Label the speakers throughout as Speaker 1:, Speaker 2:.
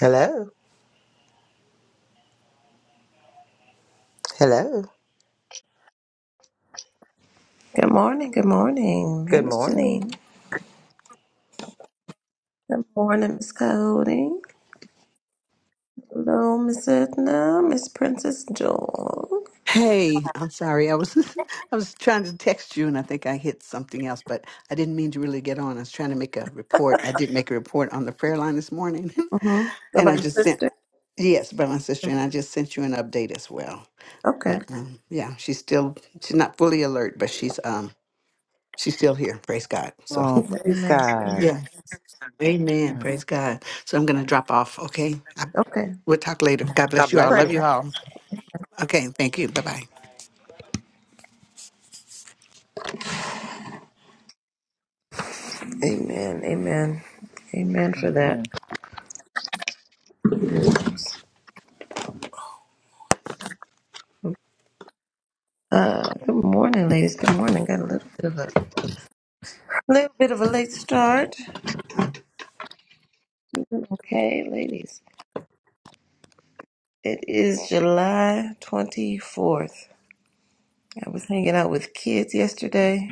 Speaker 1: Hello. Hello.
Speaker 2: Good morning, good morning. Hey,
Speaker 1: Good
Speaker 2: Miss
Speaker 1: morning.
Speaker 2: Janine. Good morning, Miss Cody. Hello, Miss Edna, Miss Princess Jewel.
Speaker 3: Hey, I'm sorry. I was I was trying to text you and I think I hit something else, but I didn't mean to really get on. I was trying to make a report. I did make a report on the prayer line this morning.
Speaker 2: Mm-hmm. Go
Speaker 3: and
Speaker 2: by
Speaker 3: I
Speaker 2: your
Speaker 3: just sent
Speaker 2: sister.
Speaker 3: yes, by my sister and I just sent you an update as well.
Speaker 2: Okay.
Speaker 3: But um, yeah, she's still she's not fully alert, but she's um she's still here. Praise God.
Speaker 1: Oh,
Speaker 3: So
Speaker 1: praise
Speaker 2: Amen. Amen.
Speaker 1: God.
Speaker 3: yeah. Amen. Praise God. So I'm gonna drop off, okay? I,
Speaker 2: Okay.
Speaker 3: we'll talk later. God bless
Speaker 1: God
Speaker 3: you all.
Speaker 1: bless
Speaker 3: Love
Speaker 1: you.
Speaker 3: you all. Okay, thank you. Bye bye.
Speaker 2: Amen. Amen. Amen for that
Speaker 1: Amen.
Speaker 2: good news. Uh, good morning, ladies. Good morning. Got a little bit of a little bit of a late start. Okay, ladies. It is July twenty fourth. I was hanging out with kids yesterday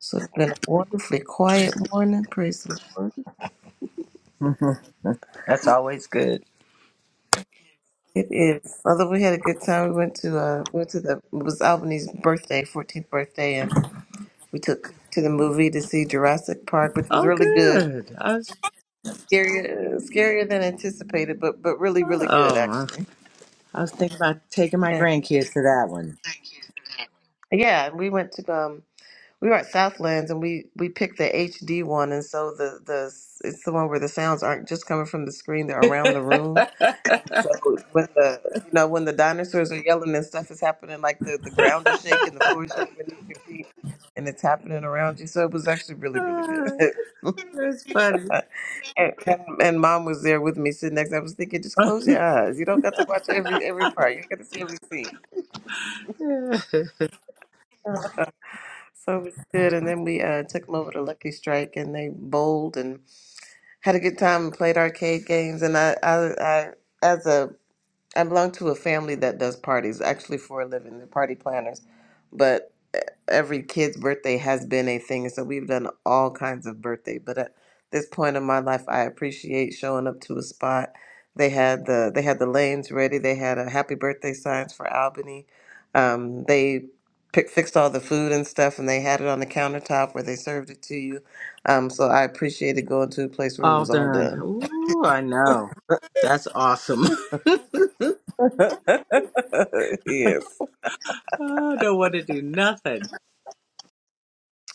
Speaker 2: So it's been a wonderfully quiet morning. Praise the Lord.
Speaker 1: That's always good.
Speaker 2: It is. Although we had a good time, we went to uh we went to the it was Albany's birthday, 14th birthday, and we took to the movie to see Jurassic Park, which was
Speaker 1: Oh,
Speaker 2: really good.
Speaker 1: good. I was,
Speaker 2: Scarier, scarier than anticipated, but but really really good
Speaker 1: oh,
Speaker 2: actually.
Speaker 1: I was thinking about taking my
Speaker 2: And
Speaker 1: grandkids to that one.
Speaker 2: yeah, and we went to um we were at Southlands and we we picked the HD one, and so the the it's the one where the sounds aren't just coming from the screen; they're around the room. So when the you know when the dinosaurs are yelling and stuff is happening, like the the ground is shaking, the floor is shaking beneath your feet, and it's happening around you. So it was actually really really good.
Speaker 1: That's funny.
Speaker 2: and, and and mom was there with me sitting next. I was thinking, just close your eyes. You don't got to watch every every part. You got to see every scene. So it was good. And then we uh, took them over to Lucky Strike, and they bowled and had a good time and played arcade games. And I I, I as a I belong to a family that does parties, actually for a living. They're party planners, but e- every kid's birthday has been a thing, so we've done all kinds of birthday. But at this point in my life, I appreciate showing up to a spot. They had the they had the lanes ready. They had a happy birthday signs for Albany. Um, they pick, fixed all the food and stuff, and they had it on the countertop where they served it to you. Um, so I appreciated going to a place where it
Speaker 1: All
Speaker 2: was all
Speaker 1: done.
Speaker 2: done.
Speaker 1: Ooh, I know. That's awesome.
Speaker 2: yes.
Speaker 1: I don't want to do nothing.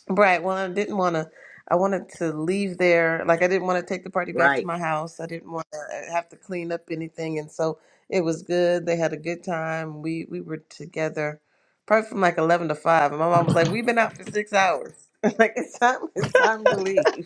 Speaker 2: Right. Well, I didn't want to. I wanted to leave there. Like I didn't want to take the party back to
Speaker 1: Right.
Speaker 2: my house. I didn't want to have to clean up anything, and so it was good. They had a good time. We we were together, probably from like eleven to five. And my mom was like, "We've been out for six hours. like it's time. It's time to leave."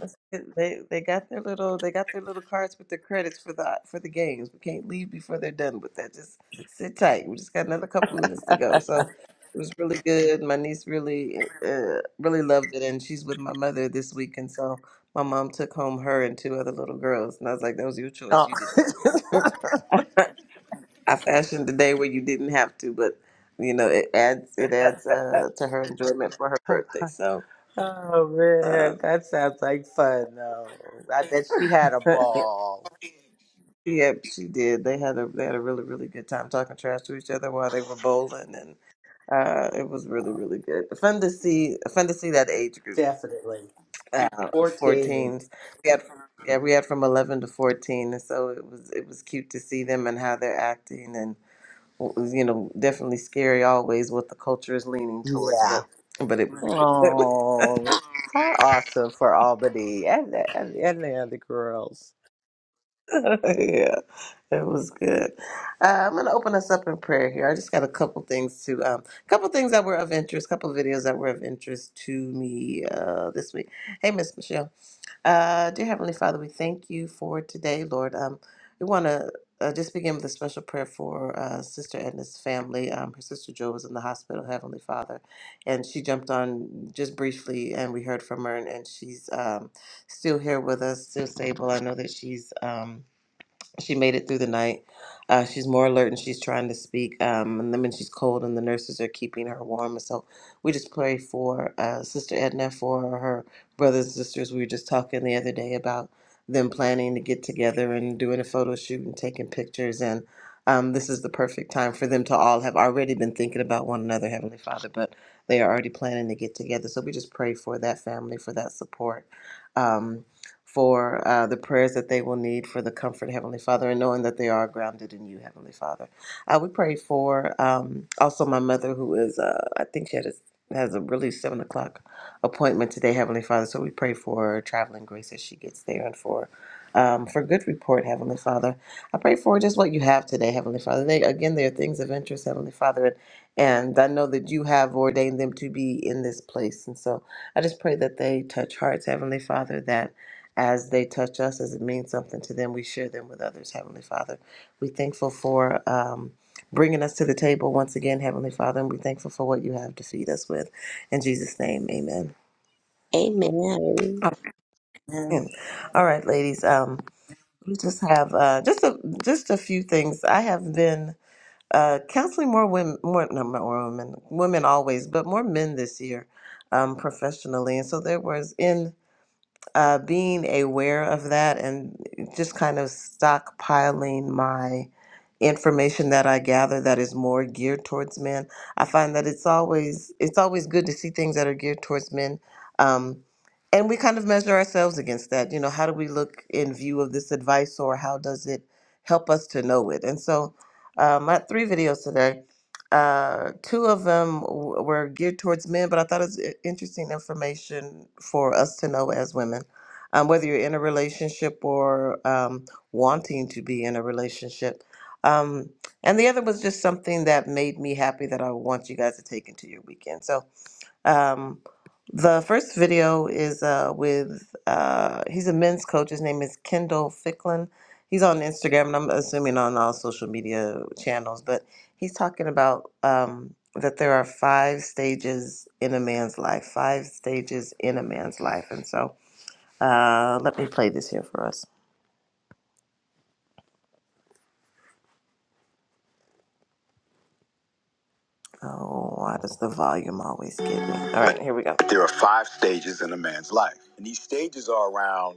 Speaker 2: That's it. They they got their little they got their little cards with their credits for the for the games. We can't leave before they're done with that. Just sit tight. We just got another couple minutes to go. So it was really good. My niece really uh, really loved it, and she's with my mother this week. And so my mom took home her and two other little girls, and I was like, "That was your choice.
Speaker 1: Oh.
Speaker 2: You did that. I fashioned the day where you didn't have to, but you know it adds it adds uh, to her enjoyment for her birthday. So."
Speaker 1: Oh
Speaker 2: Uh,
Speaker 1: man, that sounds like fun though. I bet she had a ball.
Speaker 2: Yep, she did. They had a they had a really really good time talking trash to each other while they were bowling, and uh, it was really really good. Fun to see, fun to see that age group,
Speaker 1: Definitely.
Speaker 2: uh,
Speaker 1: 14.
Speaker 2: 14s. We had from, yeah, we had from 11 to 14, and so it was it was cute to see them and how they're acting, and what was, you know definitely scary always what the culture is leaning towards,
Speaker 1: Yeah.
Speaker 2: but but it was
Speaker 1: Oh, how awesome for Albany and, and, and the other girls.
Speaker 2: yeah. That was good. Uh, I'm going to open us up in prayer here. I just got a couple things to, um, couple things that were of interest, couple videos that were of interest to me uh, this week. Hey, Miss Michelle. Uh, dear Heavenly Father, we thank you for today, Lord. Um, we want to uh, just begin with a special prayer for uh, Sister Edna's family. Um, her sister Joe was in the hospital, Heavenly Father, and she jumped on just briefly, and we heard from her, and, and she's um, still here with us, still stable. I know that she's. Um, she made it through the night. Uh, she's more alert and she's trying to speak. Um, and then when she's cold and the nurses are keeping her warm. And so we just pray for uh, Sister Edna, for her brothers and sisters. We were just talking the other day about them planning to get together and doing a photo shoot and taking pictures. And um, this is the perfect time for them to all have already been thinking about one another, Heavenly Father, but they are already planning to get together. So we just pray for that family, for that support. Um, for uh, the prayers that they will need for the comfort, Heavenly Father, and knowing that they are grounded in you, Heavenly Father. Uh, we pray for um, also my mother, who is, uh, I think she had a, has a really seven o'clock appointment today, Heavenly Father. So we pray for traveling grace as she gets there and for. Um, for good report, Heavenly Father, I pray for just what you have today, Heavenly Father. They again, they are things of interest, Heavenly Father, and and I know that you have ordained them to be in this place, and so I just pray that they touch hearts, Heavenly Father, that as they touch us, as it means something to them, we share them with others, Heavenly Father. we thankful for um, bringing us to the table once again, Heavenly Father, and we're thankful for what you have to feed us with. In Jesus' name, amen.
Speaker 4: Amen.
Speaker 1: Yeah.
Speaker 2: Amen. All right, ladies. Um, we just have uh, just a just a few things. I have been uh, counseling more women, more no, more women, women always, but more men this year, um, professionally. And so there was in uh, being aware of that and just kind of stockpiling my information that I gather that is more geared towards men. I find that it's always it's always good to see things that are geared towards men. Um, and we kind of measure ourselves against that. You know, how do we look in view of this advice or how does it help us to know it? And so uh, my three videos today, uh, two of them w- were geared towards men, but I thought it was i- interesting information for us to know as women um, whether you're in a relationship or um, wanting to be in a relationship. Um, and the other was just something that made me happy that I want you guys to take into your weekend. So um, the first video is uh, with, uh, he's a men's coach. His name is Kendall Ficklin. He's on Instagram and I'm assuming on all social media channels, but he's talking about um, that there are five stages in a man's life, five stages in a man's life. And so uh, let me play this here for us. Oh, why does the volume always get me? All right, here we go. There are five stages in a man's life, and these stages are around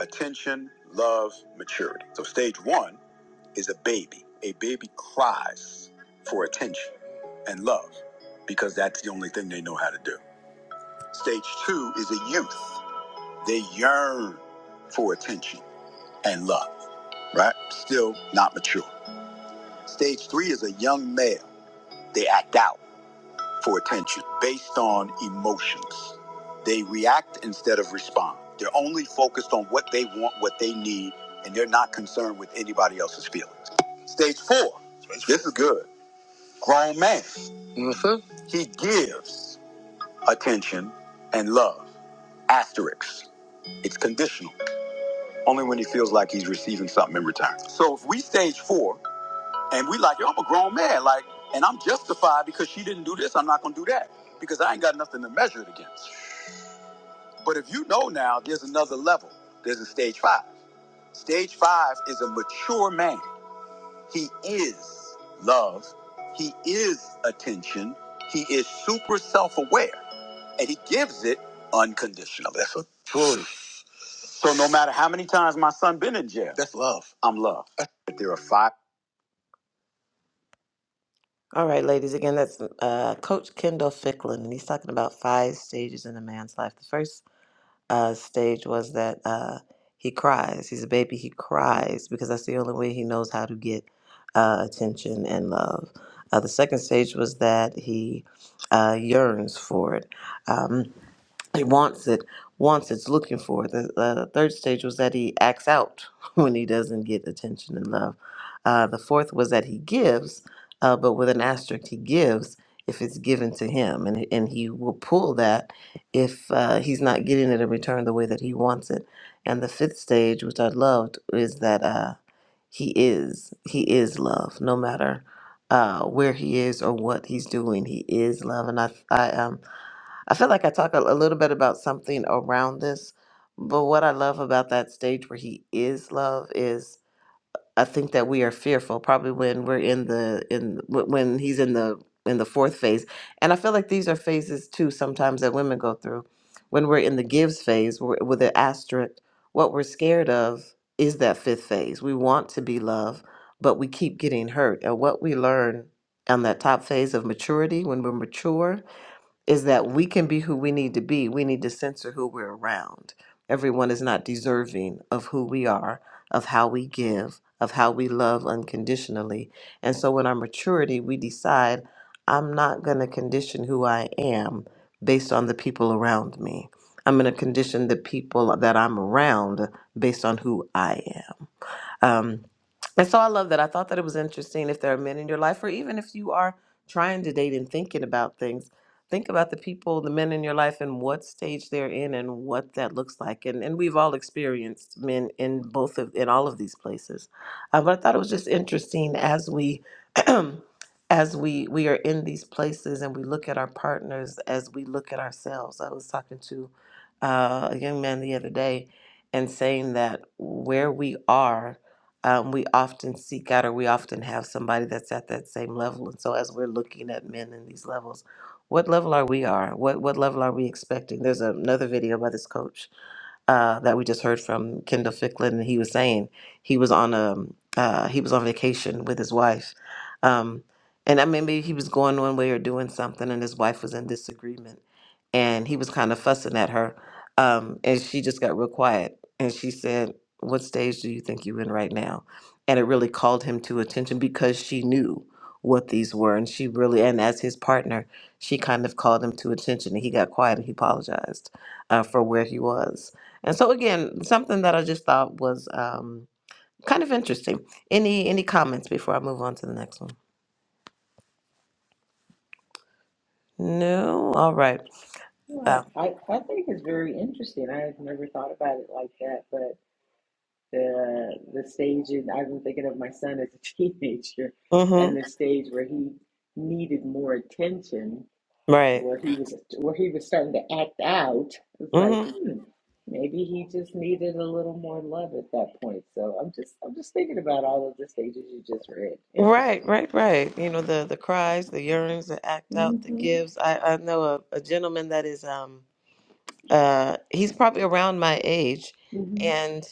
Speaker 2: attention, love, maturity. So, stage one is a baby. A baby cries for attention and love because that's the only thing they know how to do. Stage two is a youth. They yearn for attention and love, right? Still not mature. Stage three is a young male. They act out for attention based on emotions. They react instead of respond. They're only focused on what they want, what they need, and they're not concerned with anybody else's feelings. Stage four. Stage four. This is good. Grown man. Mhm. He gives attention and love. Asterisks. It's conditional. Only when he feels like he's receiving something in return. So if we stage four, and we like, yo, I'm a grown man, like, and I'm justified because she didn't do this, I'm not gonna do that. Because I ain't got nothing to measure it against. But if you know now, there's another level. There's a stage five. Stage five is a mature man. He is love. He is attention. He is super self-aware. And he gives it unconditional. That's a truly. So no matter how many times my son been in jail, that's love. I'm love. But there are five. All right, ladies, again, that's uh, Coach Kendall Ficklin, and he's talking about five stages in a man's life. The first uh, stage was that uh, he cries. He's a baby, he cries because that's the only way he knows how to get uh, attention and love. Uh, the second stage was that he uh, yearns for it. Um, he wants it, wants it's looking for. it. The uh, third stage was that he acts out when he doesn't get attention and love. Uh, the fourth was that he gives, uh, but with an asterisk, he gives if it's given to him, and and he will pull that if uh, he's not getting it in return the way that he wants it. And the fifth stage, which I loved, is that uh, he is he is love, no matter. Uh, where he is or what he's doing, he is love, and I, I um, I feel like I talk a, a little bit about something around this, but what I love about that stage where he is love is I think that we are fearful probably when we're in the in wh- when he's in the in the fourth phase. And I feel like these are phases too sometimes that women go through. When we're in the gives phase we with an asterisk, what we're scared of is that fifth phase. We want to be loved, but we keep getting hurt. And what we learn on that top phase of maturity when we're mature is that we can be who we need to be. We need to censor who we're around. Everyone is not deserving of who we are, of how we give, of how we love unconditionally. And so in our maturity, we decide I'm not going to condition who I am based on the people around me. I'm going to condition the people that I'm around based on who I am. Um, and so I love that. I thought that it was interesting if there are men in your life, or even if you are trying to date and thinking about things, think about the people, the men in your life, and what stage they're in and what that looks like. And and we've all experienced men in both of in all of these places. Uh, but I thought it was just interesting as we as we we are in these places and we look at our partners as we look at ourselves. I was talking to uh, a young man the other day and saying that where we are um, we often seek out or we often have somebody that's at that same level. And so as we're looking at men in these levels, what level are we are? What what level are we expecting? There's another video by this coach uh, that we just heard from Kendall Ficklin, and he was saying he was on a uh, he was on vacation with his wife, um, and I mean maybe he was going one way or doing something, and his wife was in disagreement, and he was kind of fussing at her, um, and she just got real quiet, and she said, "What stage do you think you in right now?" And it really called him to attention because she knew what these were, and she really, and as his partner, she kind of called him to attention, and he got quiet and he apologized uh, for where he was and so again, something that I just thought was um, kind of interesting. Any any comments before I move on to the next one? No. All right. Uh,
Speaker 1: Well, I, I think it's very interesting. I have never thought about it like that, but the the stage and I've been thinking of my son as a teenager and
Speaker 2: mm-hmm.
Speaker 1: the stage where he needed more attention
Speaker 2: Right.
Speaker 1: where he was where he was starting to act out, it's like,
Speaker 2: Mm-hmm.
Speaker 1: hmm, maybe he just needed a little more love at that point. So I'm just I'm just thinking about all of the stages you just read.
Speaker 2: Right.
Speaker 1: Interesting.
Speaker 2: Right. Right. You know the the cries, the yearnings, the act out, the
Speaker 1: Mm-hmm.
Speaker 2: gives. I I know a, a gentleman that is um uh he's probably around my age,
Speaker 1: Mm-hmm.
Speaker 2: and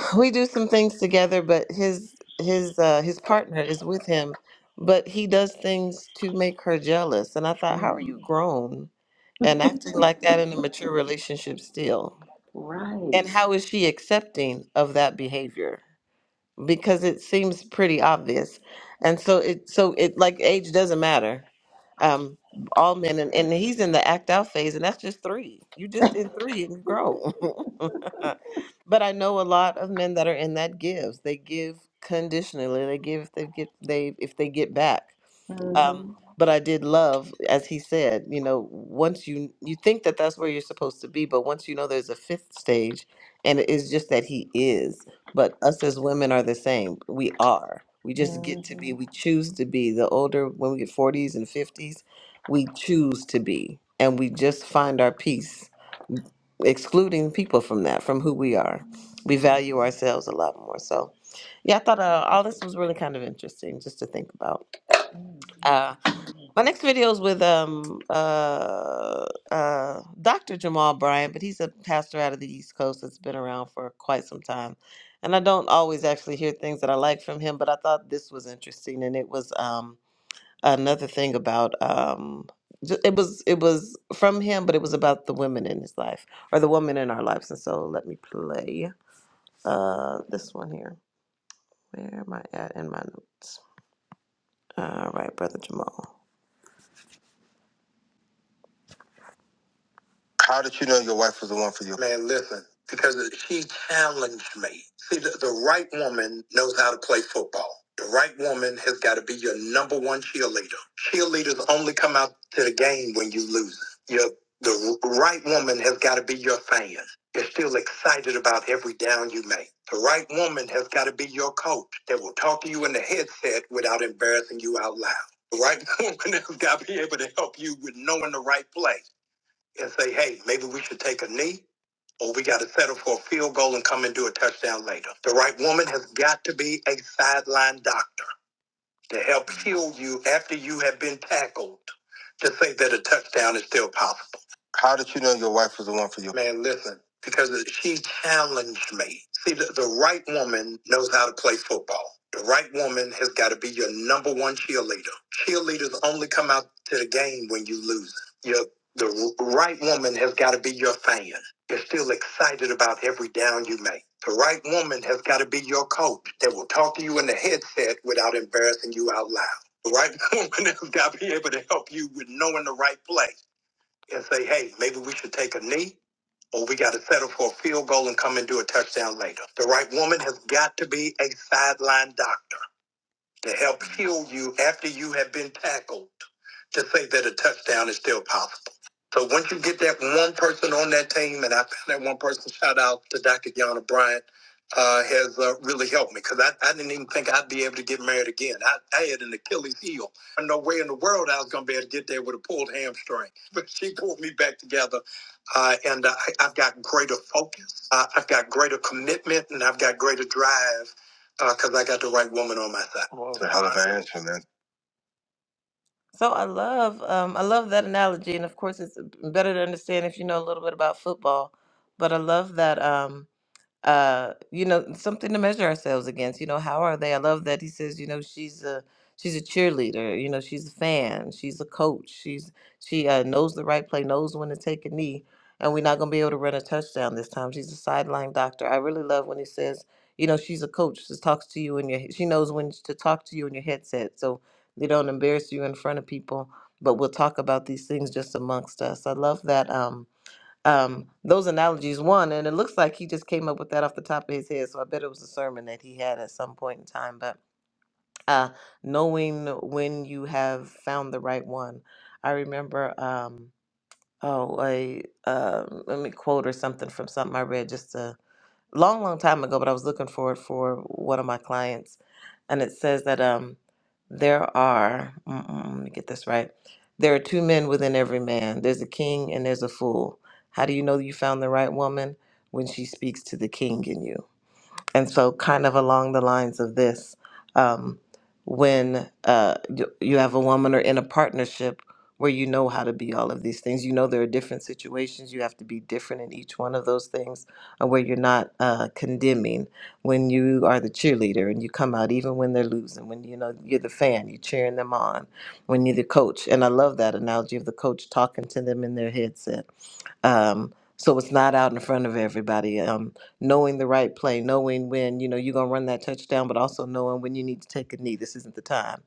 Speaker 2: we do some things together. But his his uh his partner is with him, but he does things to make her jealous. And I thought, how are
Speaker 1: Mm.
Speaker 2: you grown? and acting like that in a mature relationship still. And
Speaker 1: Right.
Speaker 2: how is she accepting of that behavior? Because it seems pretty obvious. And so it so it like age doesn't matter. Um all men and, and he's in the act out phase and that's just three. You just in three and grow. but I know a lot of men that are in that gives. They give conditionally. They give if they get they if they get back um,
Speaker 1: Mm-hmm.
Speaker 2: but I did love, as he said, you know, once you you think that that's where you're supposed to be, but once you know there's a fifth stage, and it is just that he is. But us as women are the same. We are. We just get to be.
Speaker 1: Mm-hmm.
Speaker 2: We choose to be. The older when we get 40s and 50s, we choose to be, and we just find our peace, excluding people from that, from who we are. We value
Speaker 1: Mm-hmm.
Speaker 2: ourselves a lot more. So, yeah, I thought uh, all
Speaker 1: Interesting.
Speaker 2: this was really kind of interesting just to think about.
Speaker 1: Mm.
Speaker 2: Uh, my next video is with um uh uh Dr. Jamal Bryant, but he's a pastor out of the East Coast that's been around for quite some time. And I don't always actually hear things that I like from him, but I thought this was interesting and it was um another thing about um ju- it was it was from him, but it was about the women in his life or the woman in our lives. And so let me play uh this one here. Where am I at in my notes? All right, brother Jamal. How did you know your wife was the one for you? Man, listen, because she challenged me. See, the, the right woman knows how to play football. The right woman has got to be your number one cheerleader. Cheerleaders only come out to the game when you lose. Your the r- right woman has got to be your fan. You're still excited about every down you make. The right woman has got to be your coach that will talk to you in the headset without embarrassing you out loud. The right woman has got to be able to help you with knowing the right play and say, hey, maybe we should take a knee or we got to settle for a field goal and come and do a touchdown later. The right woman has got to be a sideline doctor to help heal you after you have been tackled to say that a touchdown is still possible. Man, listen, because she challenged me. See, the, the right woman knows how to play football. The right woman has got to be your number one cheerleader. Cheerleaders only come out to the game when you lose. Your, the r- right woman has got to be your fan. You're still excited about every down you make. The right woman has got to be your coach that will talk to you in the headset without embarrassing you out loud. The right woman has got to be able to help you with knowing the right play and say, hey, maybe we should take a knee or we got to settle for a field goal and come and do a touchdown later. The right woman has got to be a sideline doctor to help heal you after you have been tackled to say that a touchdown is still possible. So once you get that one person on that team, and I found that one person, shout out to Dr. Yana Bryant, uh, has uh, really helped me because I, I didn't even think I'd be able to get married again. I, I had an Achilles heel. No way in the world I was going to be able to get there with a pulled hamstring. But she pulled me back together, uh, and uh, I, I've got greater focus. Uh, I've got greater commitment, and I've got greater drive because I got the right woman on my side. It's a hell of an answer, man. So I love um, I love that analogy, and of course, it's uh, better to understand if you know a little bit about football. But I love that. Um, uh you know something to measure ourselves against you know how are they i love that he says you know she's a she's a cheerleader you know she's a fan she's a coach she's she uh, knows the right play knows when to take a knee and we're not going to be able to run a touchdown this time she's a sideline doctor i really love when he says you know she's a coach she talks to you in your she knows when to talk to you in your headset so they don't embarrass you in front of people but we'll talk about these things just amongst us i love that um um, those analogies one and it looks like he just came up with that off the top of his head so i bet it was a sermon that he had at some point in time but uh, knowing when you have found the right one i remember um, oh a uh, let me quote or something from something i read just long, long time ago, but I was looking for it for one of my clients, and it says that um, there are. Mm-mm, let me get this right. There are two men within every man. There's a king and there's a fool. How do you know you found the right woman when she speaks to the king in you? And so, kind of along the lines of this, um, when uh, y- you have a woman or in a partnership where you know how to be all of these things, you know there are different situations, you have to be different in each one of those things, uh, where you're not uh, condemning. When you are the cheerleader and you come out, even when they're losing, when you know you're the fan, you're cheering them on. When you're the coach, and I love that analogy of the coach talking to them in their headset. Um, so it's not out in front of everybody. Um, knowing the right play, knowing when you know you're gonna run that touchdown, but also knowing when you need to take a knee. This isn't the time,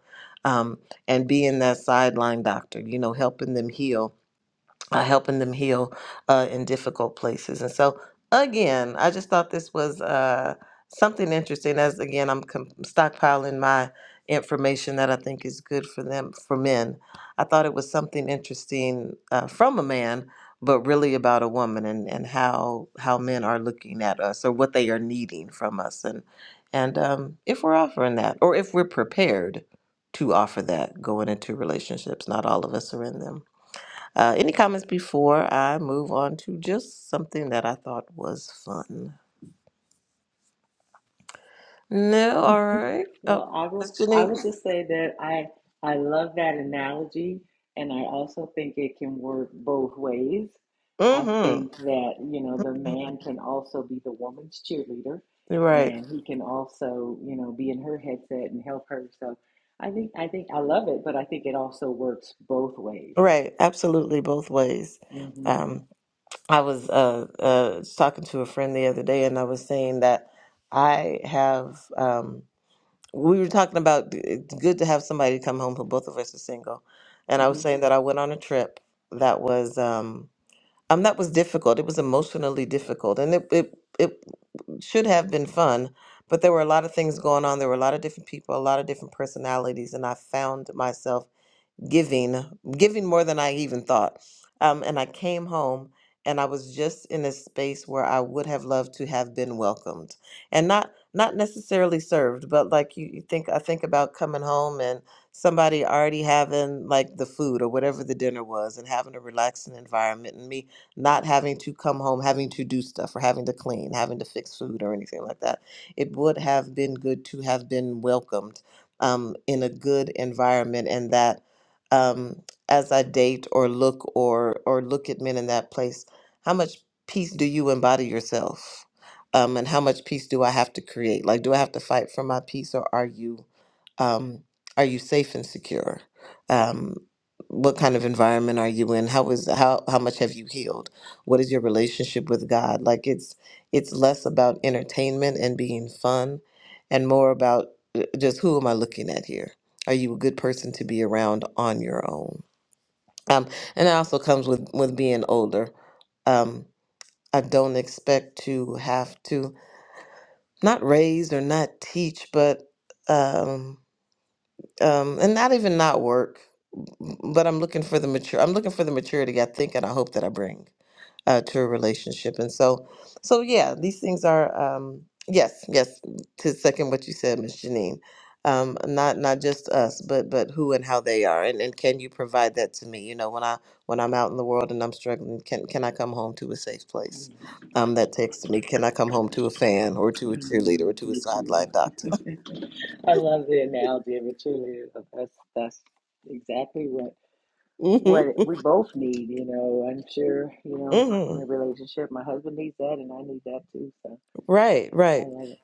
Speaker 2: um, and being that sideline doctor, you know, helping them heal uh, helping them heal uh, in difficult places. And so, again, I just thought this was uh, something interesting. As again, I'm com- stockpiling my information that I think is good for them, for men. I thought it was something interesting uh, from a man, but really about a woman and, and how how men are looking at us or what they are needing from us, and and um, if we're offering that or if we're prepared to offer that going into relationships. Not all of us are in them. Uh, any comments before I move on to just something that I thought was fun? No, all right.
Speaker 1: Well,
Speaker 2: Oh,
Speaker 1: I
Speaker 2: Miss
Speaker 1: will I
Speaker 2: Janine.
Speaker 1: will just say that I I love that analogy and I also think it can work both ways. I
Speaker 2: Mm-hmm.
Speaker 1: think that, you know, the man can also be the woman's cheerleader
Speaker 2: Right,
Speaker 1: and he can also, you know, be in her headset and help her. So I think I think I love it, but I think it also works both ways.
Speaker 2: right. Absolutely, both ways.
Speaker 1: hmm
Speaker 2: Um, I was uh, uh, talking to a friend the other day, and I was saying that I have. Um, we were talking about uh, it's good to have somebody come home who both of us are single, and I was
Speaker 1: hmm
Speaker 2: saying that I went on a trip that was. Um, Um, that was difficult. It was emotionally difficult, and it, it it should have been fun, but there were a lot of things going on. There were a lot of different people, a lot of different personalities, and I found myself giving, giving more than I even thought. Um, and I came home and I was just in a space where I would have loved to have been welcomed and not not necessarily served, but like you, you think I think about coming home and somebody already having like the food or whatever the dinner was and having a relaxing environment and me not having to come home, having to do stuff or having to clean, having to fix food or anything like that. It would have been good to have been welcomed um, in a good environment and that um, as I date or look or or look at men in that place, how much peace do you embody yourself? Um, and how much peace do I have to create? Like, do I have to fight for my peace, or are you um, are you safe and secure? Um, what kind of environment are you in? How is how how much have you healed? What is your relationship with God? Like, it's it's less about entertainment and being fun, and more about uh, just who am I looking at here? Are you a good person to be around on your own? Um, and it also comes with with being older. Um, I don't expect to have to not raise or not teach, but um, um, and not even not work. But I'm looking for the mature. I'm looking for the maturity I think and I hope that I bring uh, to a relationship. And so, so yeah, these things are um, yes, yes. To second what you said, Miss Janine, um, not not just us, but but who and how they are, and and can you provide that to me? You know, when I when I'm out in the world and I'm struggling, can can I come home to a safe place? Um, that takes to me. Can I come home to a fan or to a cheerleader or
Speaker 1: Amen to
Speaker 2: to a
Speaker 1: a
Speaker 2: sideline doctor?
Speaker 1: cheerleader. I love the analogy of a cheerleader. That's that's exactly what
Speaker 2: hmm
Speaker 1: what we both need, you know. I'm sure, you know,
Speaker 2: hmm
Speaker 1: in a relationship, my husband needs that and I need that too. So
Speaker 2: Right,
Speaker 1: I
Speaker 2: right.
Speaker 1: love it.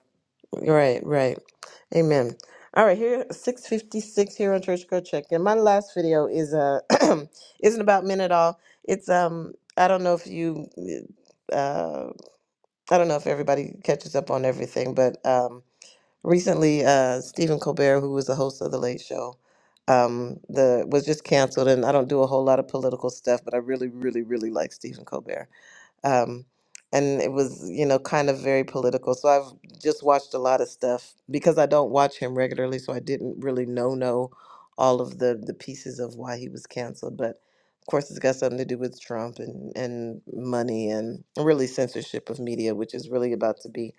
Speaker 2: Right, right. Amen. All right, here 656 here on Church Girl Check. And my last video is uh isn't about men at all. It's um I don't know if you uh I don't know if everybody catches up on everything, but um recently uh Stephen Colbert, who was the host of the late show, um the was just canceled and I don't do a whole lot of political stuff, but I really really really like Stephen Colbert um, and it was you know kind of very political. So I've just watched a lot of stuff because I don't watch him regularly, so I didn't really know know all of the the pieces of why he was canceled. But of course, it's got something to do with Trump and and money and really censorship of media, which is really about to be.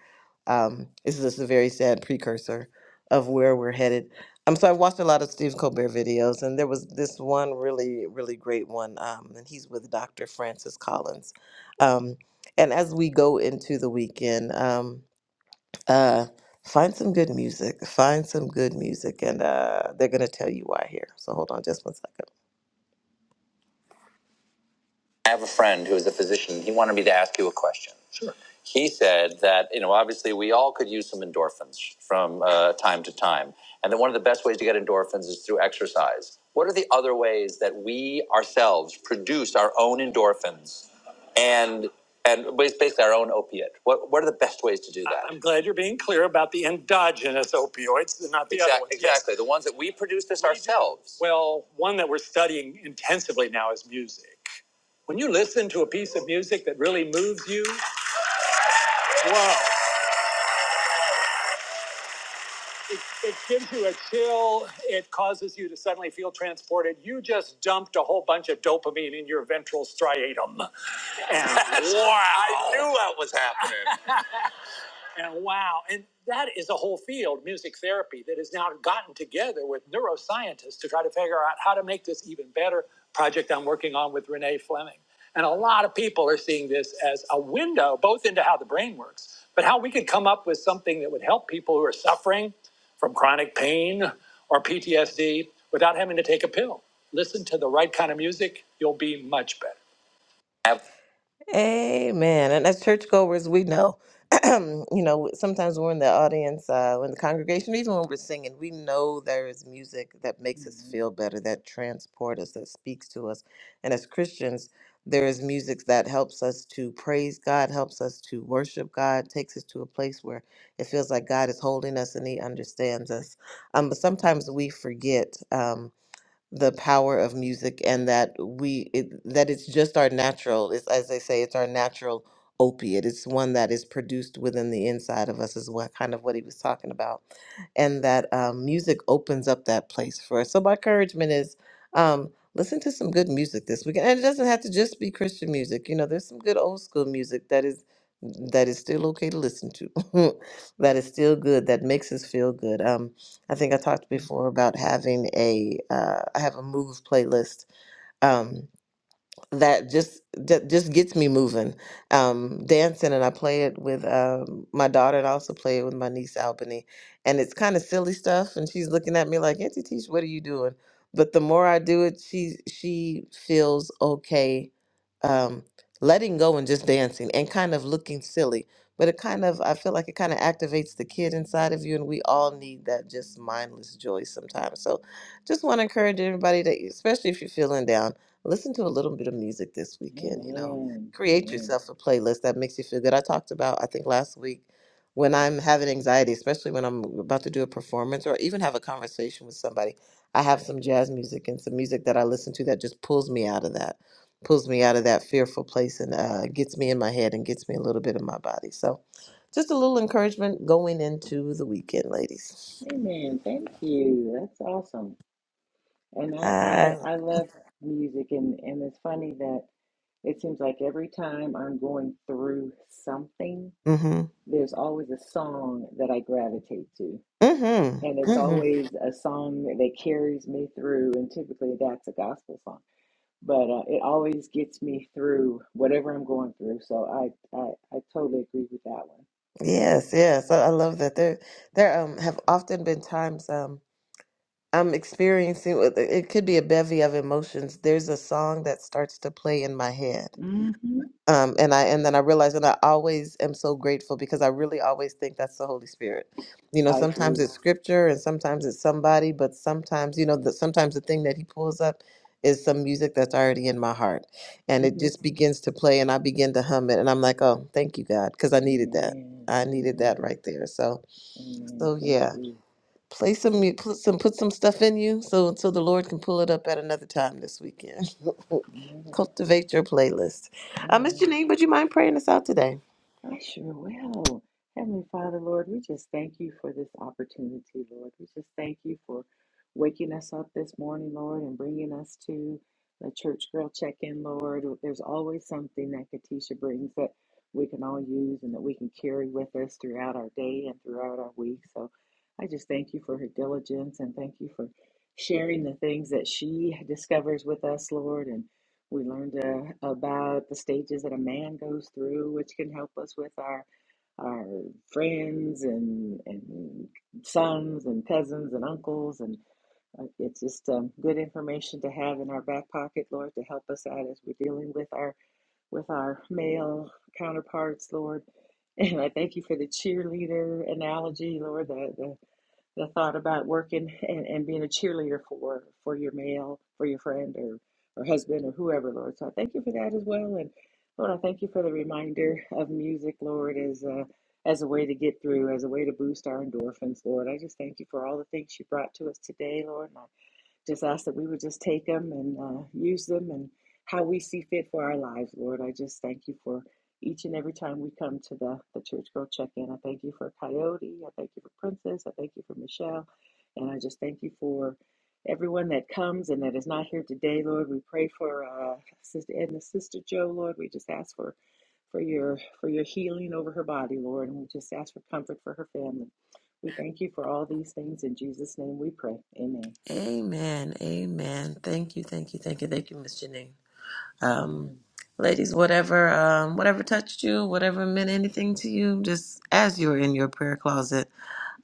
Speaker 2: Um, this is just a very sad precursor of where we're headed. Um, so I watched a lot of Steve Colbert videos, and there was this one really, really great one, um, and he's with Dr. Francis Collins um, and as we go into the weekend, um, uh, find some good music. Find some good music, and uh, they're going to tell you why here. So hold on just one second. I have a friend who is a physician. He wanted me to ask you a question. he said that you know obviously we all could use some endorphins from uh, time to time and that one of the best ways to get endorphins is through exercise what are the other ways that we ourselves produce our own endorphins and and basically our own opiate what what are the best ways to do that I'm glad you're being clear about the endogenous opioids, and not the exactly, other ones. exactly Yes. exactly the ones that we produce this We do. ourselves Do. Well, one that we're studying intensively now is music. When you listen to a piece of music that really moves you, whoa. it, it gives you a chill. It causes you to suddenly feel transported. You just dumped a whole bunch of dopamine in your ventral striatum. And wow. I knew that was happening. And wow, and that is a whole field, music therapy, that has now gotten together with neuroscientists to try to figure out how to make this even better. Project I'm working on with Renee Fleming. And a lot of people are seeing this as a window, both into how the brain works, but how we could come up with something that would help people who are suffering from chronic pain or PTSD without having to take a pill. Listen to the right kind of music, you'll be much better. Have Amen. And as churchgoers, we know, you know, sometimes we're in the audience, uh, we're in the congregation, even when we're singing, we know there is music that makes us
Speaker 1: Amen.
Speaker 2: feel better, that transports us, that speaks to us. And as Christians, there is music that helps us to praise God, helps us to worship God, takes us to a place where it feels like God is holding us and He understands us. Um, but sometimes we forget. um, the power of music and that we it, that it's just our natural it's as they say it's our natural opiate it's one that is produced within the inside of us is what kind of what he was talking about and that um, music opens up that place for us so my encouragement is um, listen to some good music this weekend and it doesn't have to just be christian music you know there's some good old school music that is that is still okay to listen to that is still good that makes us feel good um I think I talked before about having a uh, I have a move playlist. Um, that just that just gets me moving um dancing and i play it with um my daughter and i also play it with my niece albany and it's kind of silly stuff and she's looking at me like auntie teach what are you doing but the more i do it she she feels okay um letting go and just dancing and kind of looking silly but it kind of i feel like it kind of activates the kid inside of you and we all need that just mindless joy sometimes so just want to encourage everybody that especially if you're feeling down listen to a little bit of music this weekend, you know.
Speaker 1: Amen.
Speaker 2: Create
Speaker 1: Amen.
Speaker 2: yourself a playlist that makes you feel good. I talked about, I think last week, when I'm having anxiety, especially when I'm about to do a performance or even have a conversation with somebody, I have some jazz music and some music that I listen to that just pulls me out of that, pulls me out of that fearful place and uh, gets me in my head and gets me a little bit in my body. So, just a little encouragement going into the weekend, ladies.
Speaker 1: Amen. Amen. Thank you. That's awesome. And I, I,
Speaker 2: Uh,
Speaker 1: I love music and, and it's funny that it seems like every time I'm going through something,
Speaker 2: mm-hmm.
Speaker 1: there's always a song that I gravitate to. And
Speaker 2: Mm-hmm.
Speaker 1: it's
Speaker 2: mm-hmm.
Speaker 1: always a song that carries me through, and typically that's a gospel song but uh, it always gets me through whatever I'm going through. So I I, I totally agree with that one.
Speaker 2: Yes, yes, I I love that. There, there um, have often been times um, I'm experiencing. It could be a bevy of emotions. There's a song that starts to play in my head,
Speaker 1: hmm Mm-hmm.
Speaker 2: um, and I and then I realized, and I always am so grateful because I really always think that's the Holy Spirit. You know,
Speaker 1: I
Speaker 2: sometimes
Speaker 1: agree.
Speaker 2: it's scripture and sometimes it's somebody, but sometimes you know, the, sometimes the thing that He pulls up is some music that's already in my heart, and it
Speaker 1: hmm
Speaker 2: just begins to play, and I begin to hum it, and I'm like, oh, thank you, God, because I needed that.
Speaker 1: Amen.
Speaker 2: I needed that
Speaker 1: Amen.
Speaker 2: right there. So,
Speaker 1: Amen.
Speaker 2: so
Speaker 1: So
Speaker 2: yeah
Speaker 1: true.
Speaker 2: play
Speaker 1: So
Speaker 2: some
Speaker 1: true.
Speaker 2: mu- put some put some stuff in you so so the Lord can pull it up at another time this weekend.
Speaker 1: Amen.
Speaker 2: Cultivate your playlist. Uh, Miss
Speaker 1: Amen.
Speaker 2: Janine, would you mind praying us out today?
Speaker 1: I sure will. Heavenly Father, Lord, we just thank you for this opportunity, Lord. We just thank you for waking us up this morning, Lord, and bringing us to the church girl check in, Lord. There's always something that Katisha brings that we can all use and that we can carry with us throughout our day and throughout our week. So I just thank you for her diligence and thank you for sharing the things that she discovers with us, Lord. And we learned uh, about the stages that a man goes through, which can help us with our our friends and and sons and cousins and uncles, and uh, it's just um, good information to have in our back pocket, Lord, to help us out as we're dealing with our with our male counterparts, Lord. And I thank you for the cheerleader analogy, Lord. The the the thought about working and, and being a cheerleader for for your male, for your friend or or husband or whoever, Lord. So I thank you for that as well. And Lord, I thank you for the reminder of music, Lord, as a as a way to get through, as a way to boost our endorphins, Lord. I just thank you for all the things you brought to us today, Lord. And I just ask that we would just take them and uh, use them and how we see fit for our lives, Lord. I just thank you for each and every time we come to the, the Church Girl Check In. I thank you for Coyote. I thank you for Princess. I thank you for Michelle. And I just thank you for everyone that comes and that is not here today, Lord. We pray for uh, Sister Edna, Sister Joe, Lord. We just ask for for your for your healing over her body, Lord, and we just ask for comfort for her family. We thank you for all these things in Jesus' name. We pray. Amen.
Speaker 2: Amen. Amen. Thank you. Thank you. Thank you. Thank you, Miss Janine. um,
Speaker 1: Amen.
Speaker 2: ladies, whatever, um, whatever touched you, whatever meant anything to you, just as you're in your prayer closet,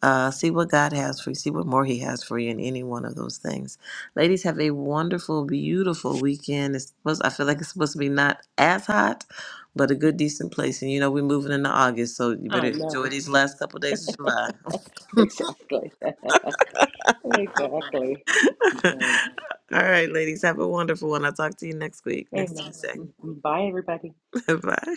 Speaker 2: uh, see what God has for you, see what more He has for you in any one of those things. Ladies, have a wonderful, beautiful weekend. It's supposed, I feel like it's supposed to be not as hot, but a good, decent place. And you know, we're moving into August, so you better
Speaker 1: I
Speaker 2: enjoy
Speaker 1: know.
Speaker 2: these last couple days of July.
Speaker 1: Exactly. Exactly. Man.
Speaker 2: All right, ladies, have a wonderful one. I'll talk to you next week, next
Speaker 1: Amen.
Speaker 2: Tuesday.
Speaker 1: Mm-hmm. Bye, everybody.
Speaker 2: Bye.